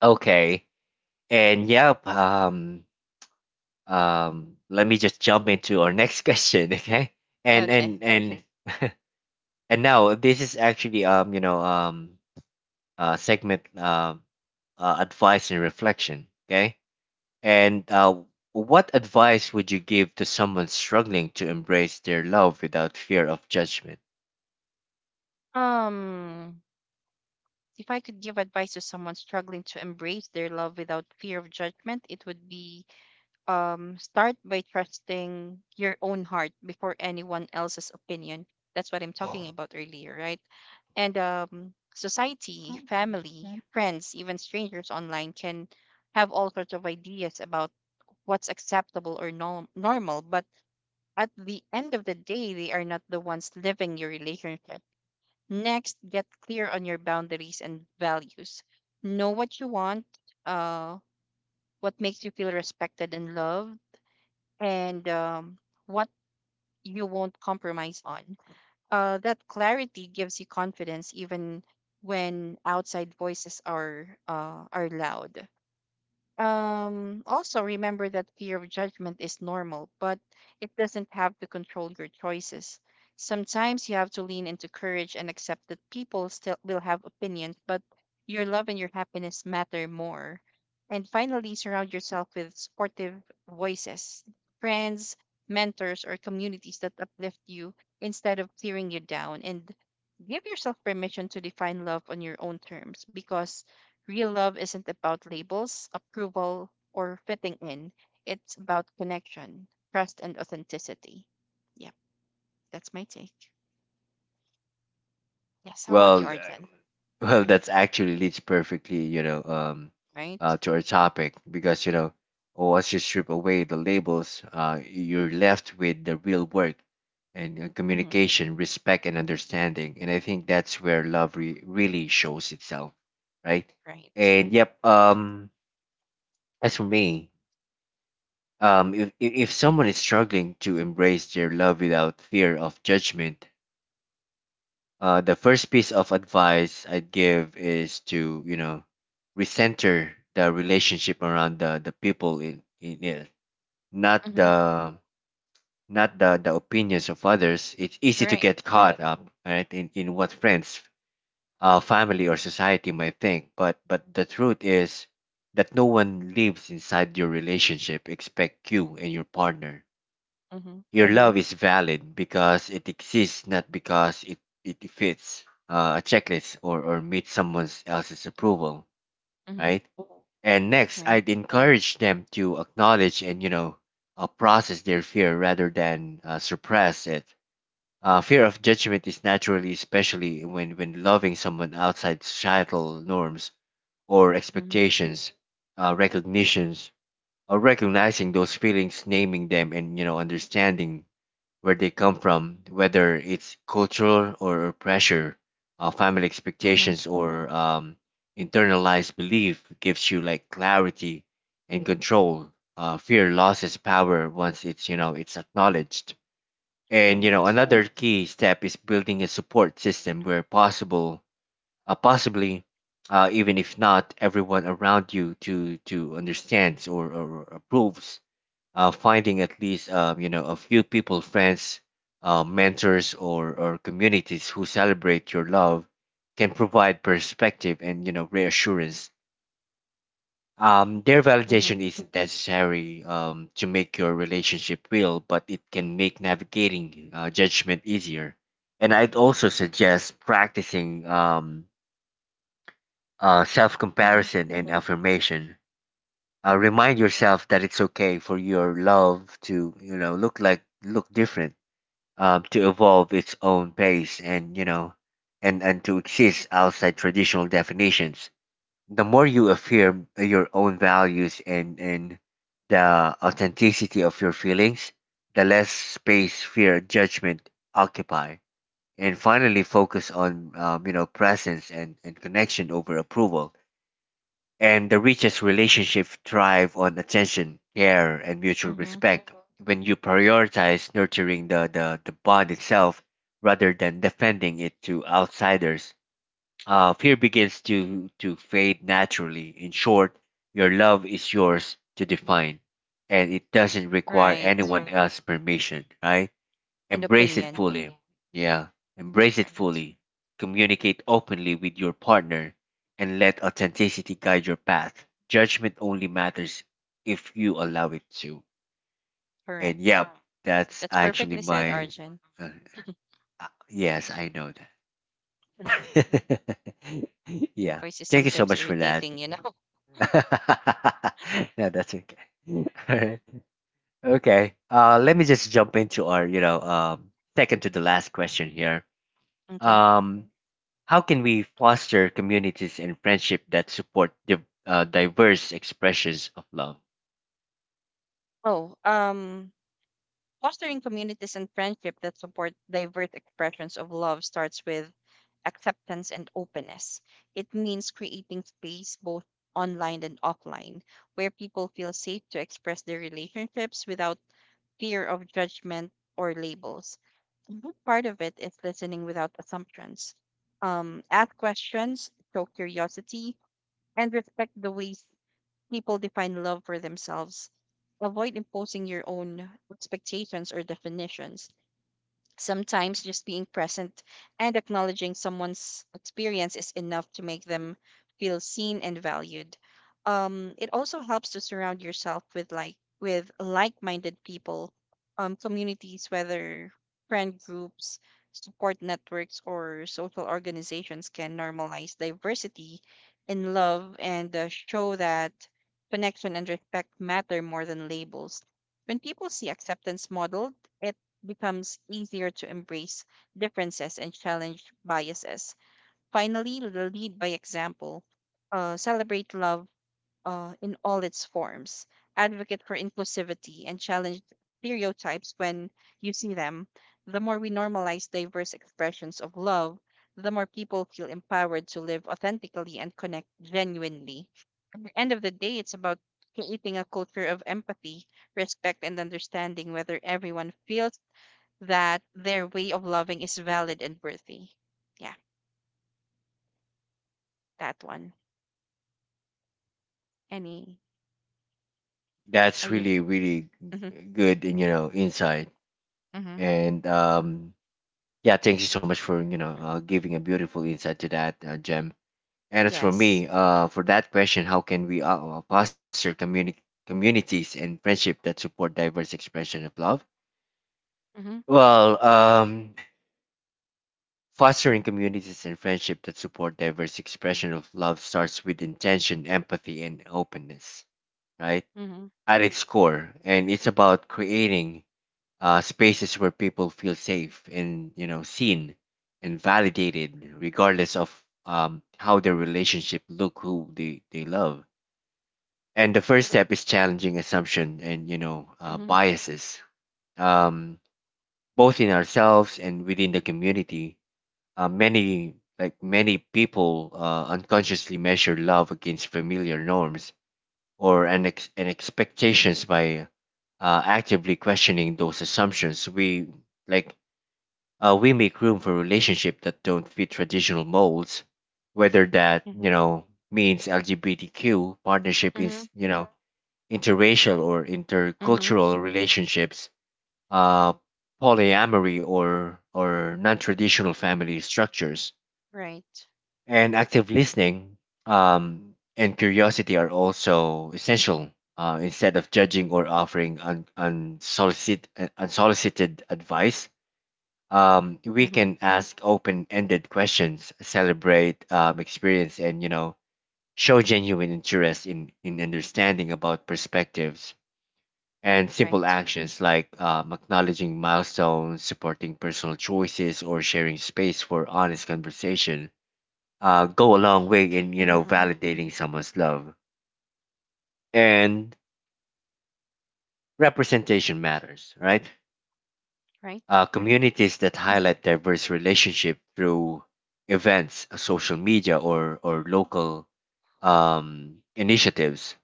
B: Okay. And yep, let me just jump into our next question, okay? And
A: Okay.
B: and and Okay. And now this is actually segment, advice and reflection, okay? And what advice would you give to someone struggling to embrace their love without fear of judgment?
A: Um, if I could give advice to someone struggling to embrace their love without fear of judgment, it would be start by trusting your own heart before anyone else's opinion. That's what I'm talking about earlier, right? And society, family, friends, even strangers online can have all sorts of ideas about what's acceptable or normal. But at the end of the day, they are not the ones living your relationship. Next, get clear on your boundaries and values. Know what you want, uh, what makes you feel respected and loved, and what you won't compromise on. That clarity gives you confidence even when outside voices are loud. Also, remember that fear of judgment is normal, but it doesn't have to control your choices. Sometimes you have to lean into courage and accept that people still will have opinions, but your love and your happiness matter more. And finally, surround yourself with supportive voices, friends, mentors, or communities that uplift you instead of tearing you down. And give yourself permission to define love on your own terms, because real love isn't about labels, approval, or fitting in. It's about connection, trust, and authenticity. Yep, that's my take. Yes, how about you,
B: Well,
A: Arjun?
B: well,
A: Hmm.
B: that's actually leads perfectly,
A: Right?
B: to our topic because once you strip away the labels, you're left with the real work and
A: Mm-hmm.
B: communication, respect, and understanding. And I think that's where love really shows itself, right?
A: Right.
B: And yep, as for me, if someone is struggling to embrace their love without fear of judgment, the first piece of advice I'd give is to, recenter the relationship around the people in it, not
A: Mm-hmm.
B: the not the opinions of others. It's easy to
A: Right.
B: get caught up, right, in what friends, family, or society might think. But the truth is that no one lives inside your relationship except you and your partner.
A: Mm-hmm.
B: Your love is valid because it exists, not because it fits a checklist, or meets someone else's approval,
A: Mm-hmm.
B: right? And next, I'd
A: Right.
B: encourage them to acknowledge and, process their fear rather than suppress it. Fear of judgment is naturally, especially when loving someone outside societal norms or
A: Mm-hmm.
B: expectations, recognitions, or recognizing those feelings, naming them, and, understanding where they come from, whether it's cultural or pressure, family
A: Mm-hmm.
B: expectations, or internalized belief, gives you like clarity and control. Fear loses power once it's it's acknowledged. And
A: Right.
B: another key step is building a support system where possible, uh, possibly, even if not everyone around you to understands, or approves finding at least a few people, friends, mentors, or communities who celebrate your love can provide perspective and reassurance. Their
A: Mm-hmm.
B: validation isn't necessary to make your relationship real, but it can make navigating judgment easier. And I'd also suggest practicing self
A: Mm-hmm.
B: comparison and affirmation. Remind yourself that it's okay for your love to look different, to evolve its own pace and to exist outside traditional definitions. The more you affirm your own values and the authenticity of your feelings, the less space fear judgment occupy. And finally, focus on presence and, connection over approval, and the richest relationships thrive on attention, care, and mutual
A: Mm-hmm.
B: respect. When you prioritize nurturing the bond itself rather than defending it to outsiders, fear begins to fade naturally. In short, your love is yours to define, and it doesn't require
A: Right.
B: anyone else's permission, right?
A: And
B: Embrace it
A: opinion.
B: fully. Yeah, embrace it
A: Right.
B: fully. Communicate openly with your partner and let authenticity guide your path. Judgment only matters if you allow it to. And
A: Correct.
B: yep, that's
A: That's
B: actually
A: perfectly said,
B: my.
A: Arjun.
B: Uh, yes, I know
A: Mhm.
B: that.
A: Your
B: Yeah,
A: voice is
B: thank you so
A: sometimes
B: much for that.
A: irritating, you know?
B: No, that's okay. Alright. Okay. Let me just jump into our, second to the last question here.
A: Okay.
B: Um, How can we foster communities and friendship that support diverse expressions of love?
A: Oh, fostering communities and friendship that support diverse expressions of love starts with acceptance and openness. It means creating space both online and offline where people feel safe to express their relationships without fear of judgment or labels. A big part of it is listening without assumptions. Ask questions, show curiosity, and respect the ways people define love for themselves. Avoid imposing your own expectations or definitions. Sometimes just being present and acknowledging someone's experience is enough to make them feel seen and valued. It also helps to surround yourself with like-minded people, communities, whether friend groups, support networks, or social organizations can normalize diversity in love and show that connection and respect matter more than labels. When people see acceptance modeled, becomes easier to embrace differences and challenge biases. Finally, the lead by example, celebrate love in all its forms, advocate for inclusivity, and challenge stereotypes when you see them. The more we normalize diverse expressions of love, the more people feel empowered to live authentically and connect genuinely. At the end of the day, it's about creating a culture of empathy, respect, and understanding, whether everyone feels that their way of loving is valid and worthy. Yeah, that one. Any? Are
B: That's
A: you?
B: really, really
A: Hmm.
B: good, and insight.
A: Hmm.
B: And yeah, thank you so much for giving a beautiful insight to that, Gem. And as for
A: Yes.
B: me, for that question, how can we foster communities and friendship that support diverse expression of love?
A: Hmm.
B: Well, fostering communities and friendship that support diverse expression of love starts with intention, empathy, and openness, right?
A: Hmm.
B: At its core, and it's about creating spaces where people feel safe and seen and validated, regardless of how their relationship look, who they love. And the first step is challenging assumption and
A: Hmm.
B: biases, um, both in ourselves and within the community. Many people unconsciously measure love against familiar norms or an ex- and expectations. By actively questioning those assumptions like we make room for relationships that don't fit traditional molds, whether that
A: Hmm.
B: you know means lgbtq partnership
A: Hmm.
B: is interracial or
A: Hmm.
B: intercultural relationships, uh, polyamory, or non-traditional family structures.
A: Right.
B: And active listening and curiosity are also essential. Instead of judging or offering unsolicited advice, we
A: Hmm.
B: can ask open-ended questions, celebrate experience, and show genuine interest in understanding about perspectives. And simple
A: Right.
B: actions like acknowledging milestones, supporting personal choices, or sharing space for honest conversation go a long way in
A: Hmm.
B: validating someone's love. And representation matters, right?
A: Right.
B: Communities that highlight diverse relationship through events, social media, or local initiatives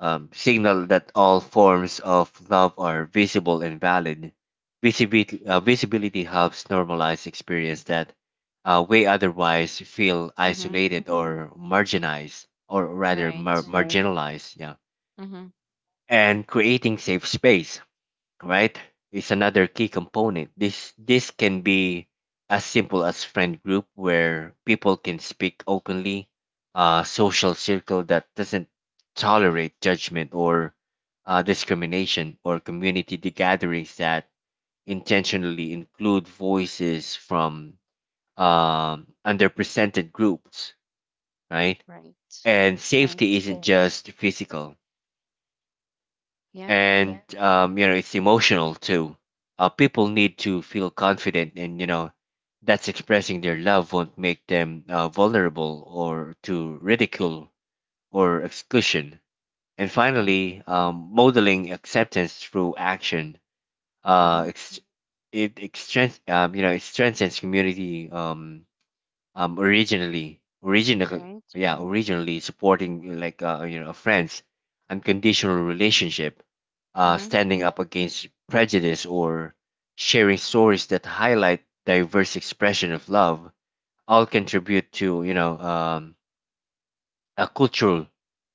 B: signal that all forms of love are visible and valid. Visibility helps normalize experience that way otherwise feel
A: Hmm.
B: isolated or marginalized, or rather
A: Right.
B: marginalized, yeah.
A: Hmm.
B: And creating safe space, right, is another key component. This can be as simple as friend group where people can speak openly, a social circle that doesn't tolerate judgment or discrimination, or community gatherings that intentionally include voices from underrepresented groups, right?
A: Right.
B: And safety
A: Right.
B: isn't Yes. just physical
A: Yeah.
B: and Yeah. It's emotional too. People need to feel confident, and that's expressing their love won't make them vulnerable or to ridicule or exclusion. And
A: Right.
B: finally, modeling acceptance through action. Uh,
A: Hmm.
B: ex- it, it strengthens community. Originally,
A: Right.
B: yeah, originally supporting like a friends, unconditional relationship,
A: Hmm.
B: standing up against prejudice, or sharing stories that highlight diverse expression of love, all contribute to a cultural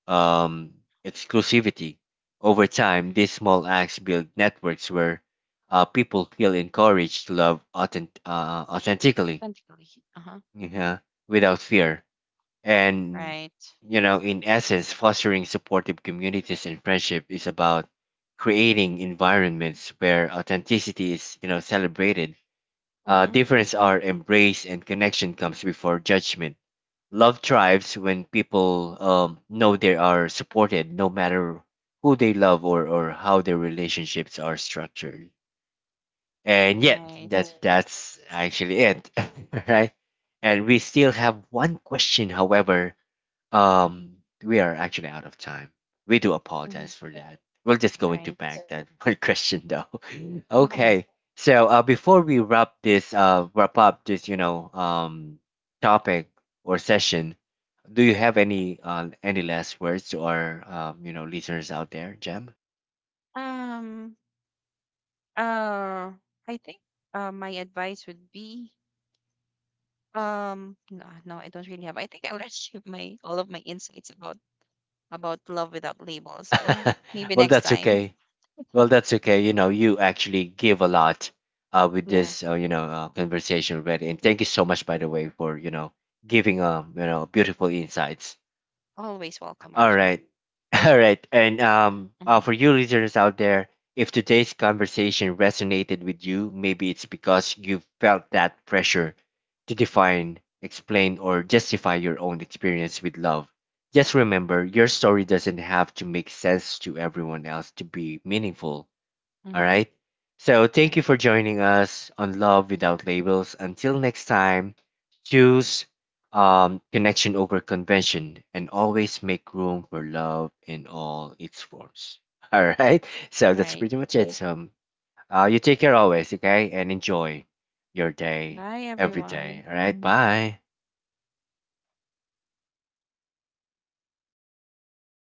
B: um, exclusivity. Over time, these small acts build networks where people feel encouraged to love authentically,
A: Definitely. Uh-huh.
B: yeah, without fear and,
A: Right.
B: in essence, fostering supportive communities and friendship is about creating environments where authenticity is, celebrated.
A: Hmm.
B: Difference are embraced and connection comes before judgment. Love thrives when people know they are supported no matter who they love, or how their relationships are structured. And yet,
A: Right.
B: that that's actually it, right? And we still have one question, however, um, we are actually out of time. We do
A: Hmm.
B: apologize for that. We're just going to bank
A: Right.
B: that one question though. Mm. Okay. So before we wrap this wrap up this topic or session, do you have any last words to our listeners out there, Jem?
A: Um. Uh, I think my advice would be no, no, I don't really have. I think I already give my all of my insights about love without labels. But yeah, maybe
B: Well,
A: next
B: that's
A: time.
B: okay. Well, that's okay. You know, you actually give a lot with
A: Yeah,
B: this, conversation already. And thank you so much, by the way, for giving beautiful insights.
A: always welcome,
B: All
A: Arjun.
B: right, all right. And
A: Mm-hmm,
B: for you listeners out there, if today's conversation resonated with you, maybe it's because you felt that pressure to define, explain, or justify your own experience with love. Just remember, your story doesn't have to make sense to everyone else to be meaningful all
A: mm-hmm.
B: right. So thank you for
A: Right,
B: joining us on Love Without Labels. Until next time, choose connection over convention, and always make room for love in all its forms. All right. So that's
A: right.
B: pretty much it. So you take care always, okay? And enjoy your day
A: Bye,
B: every day.
A: everyone.
B: All right. Bye.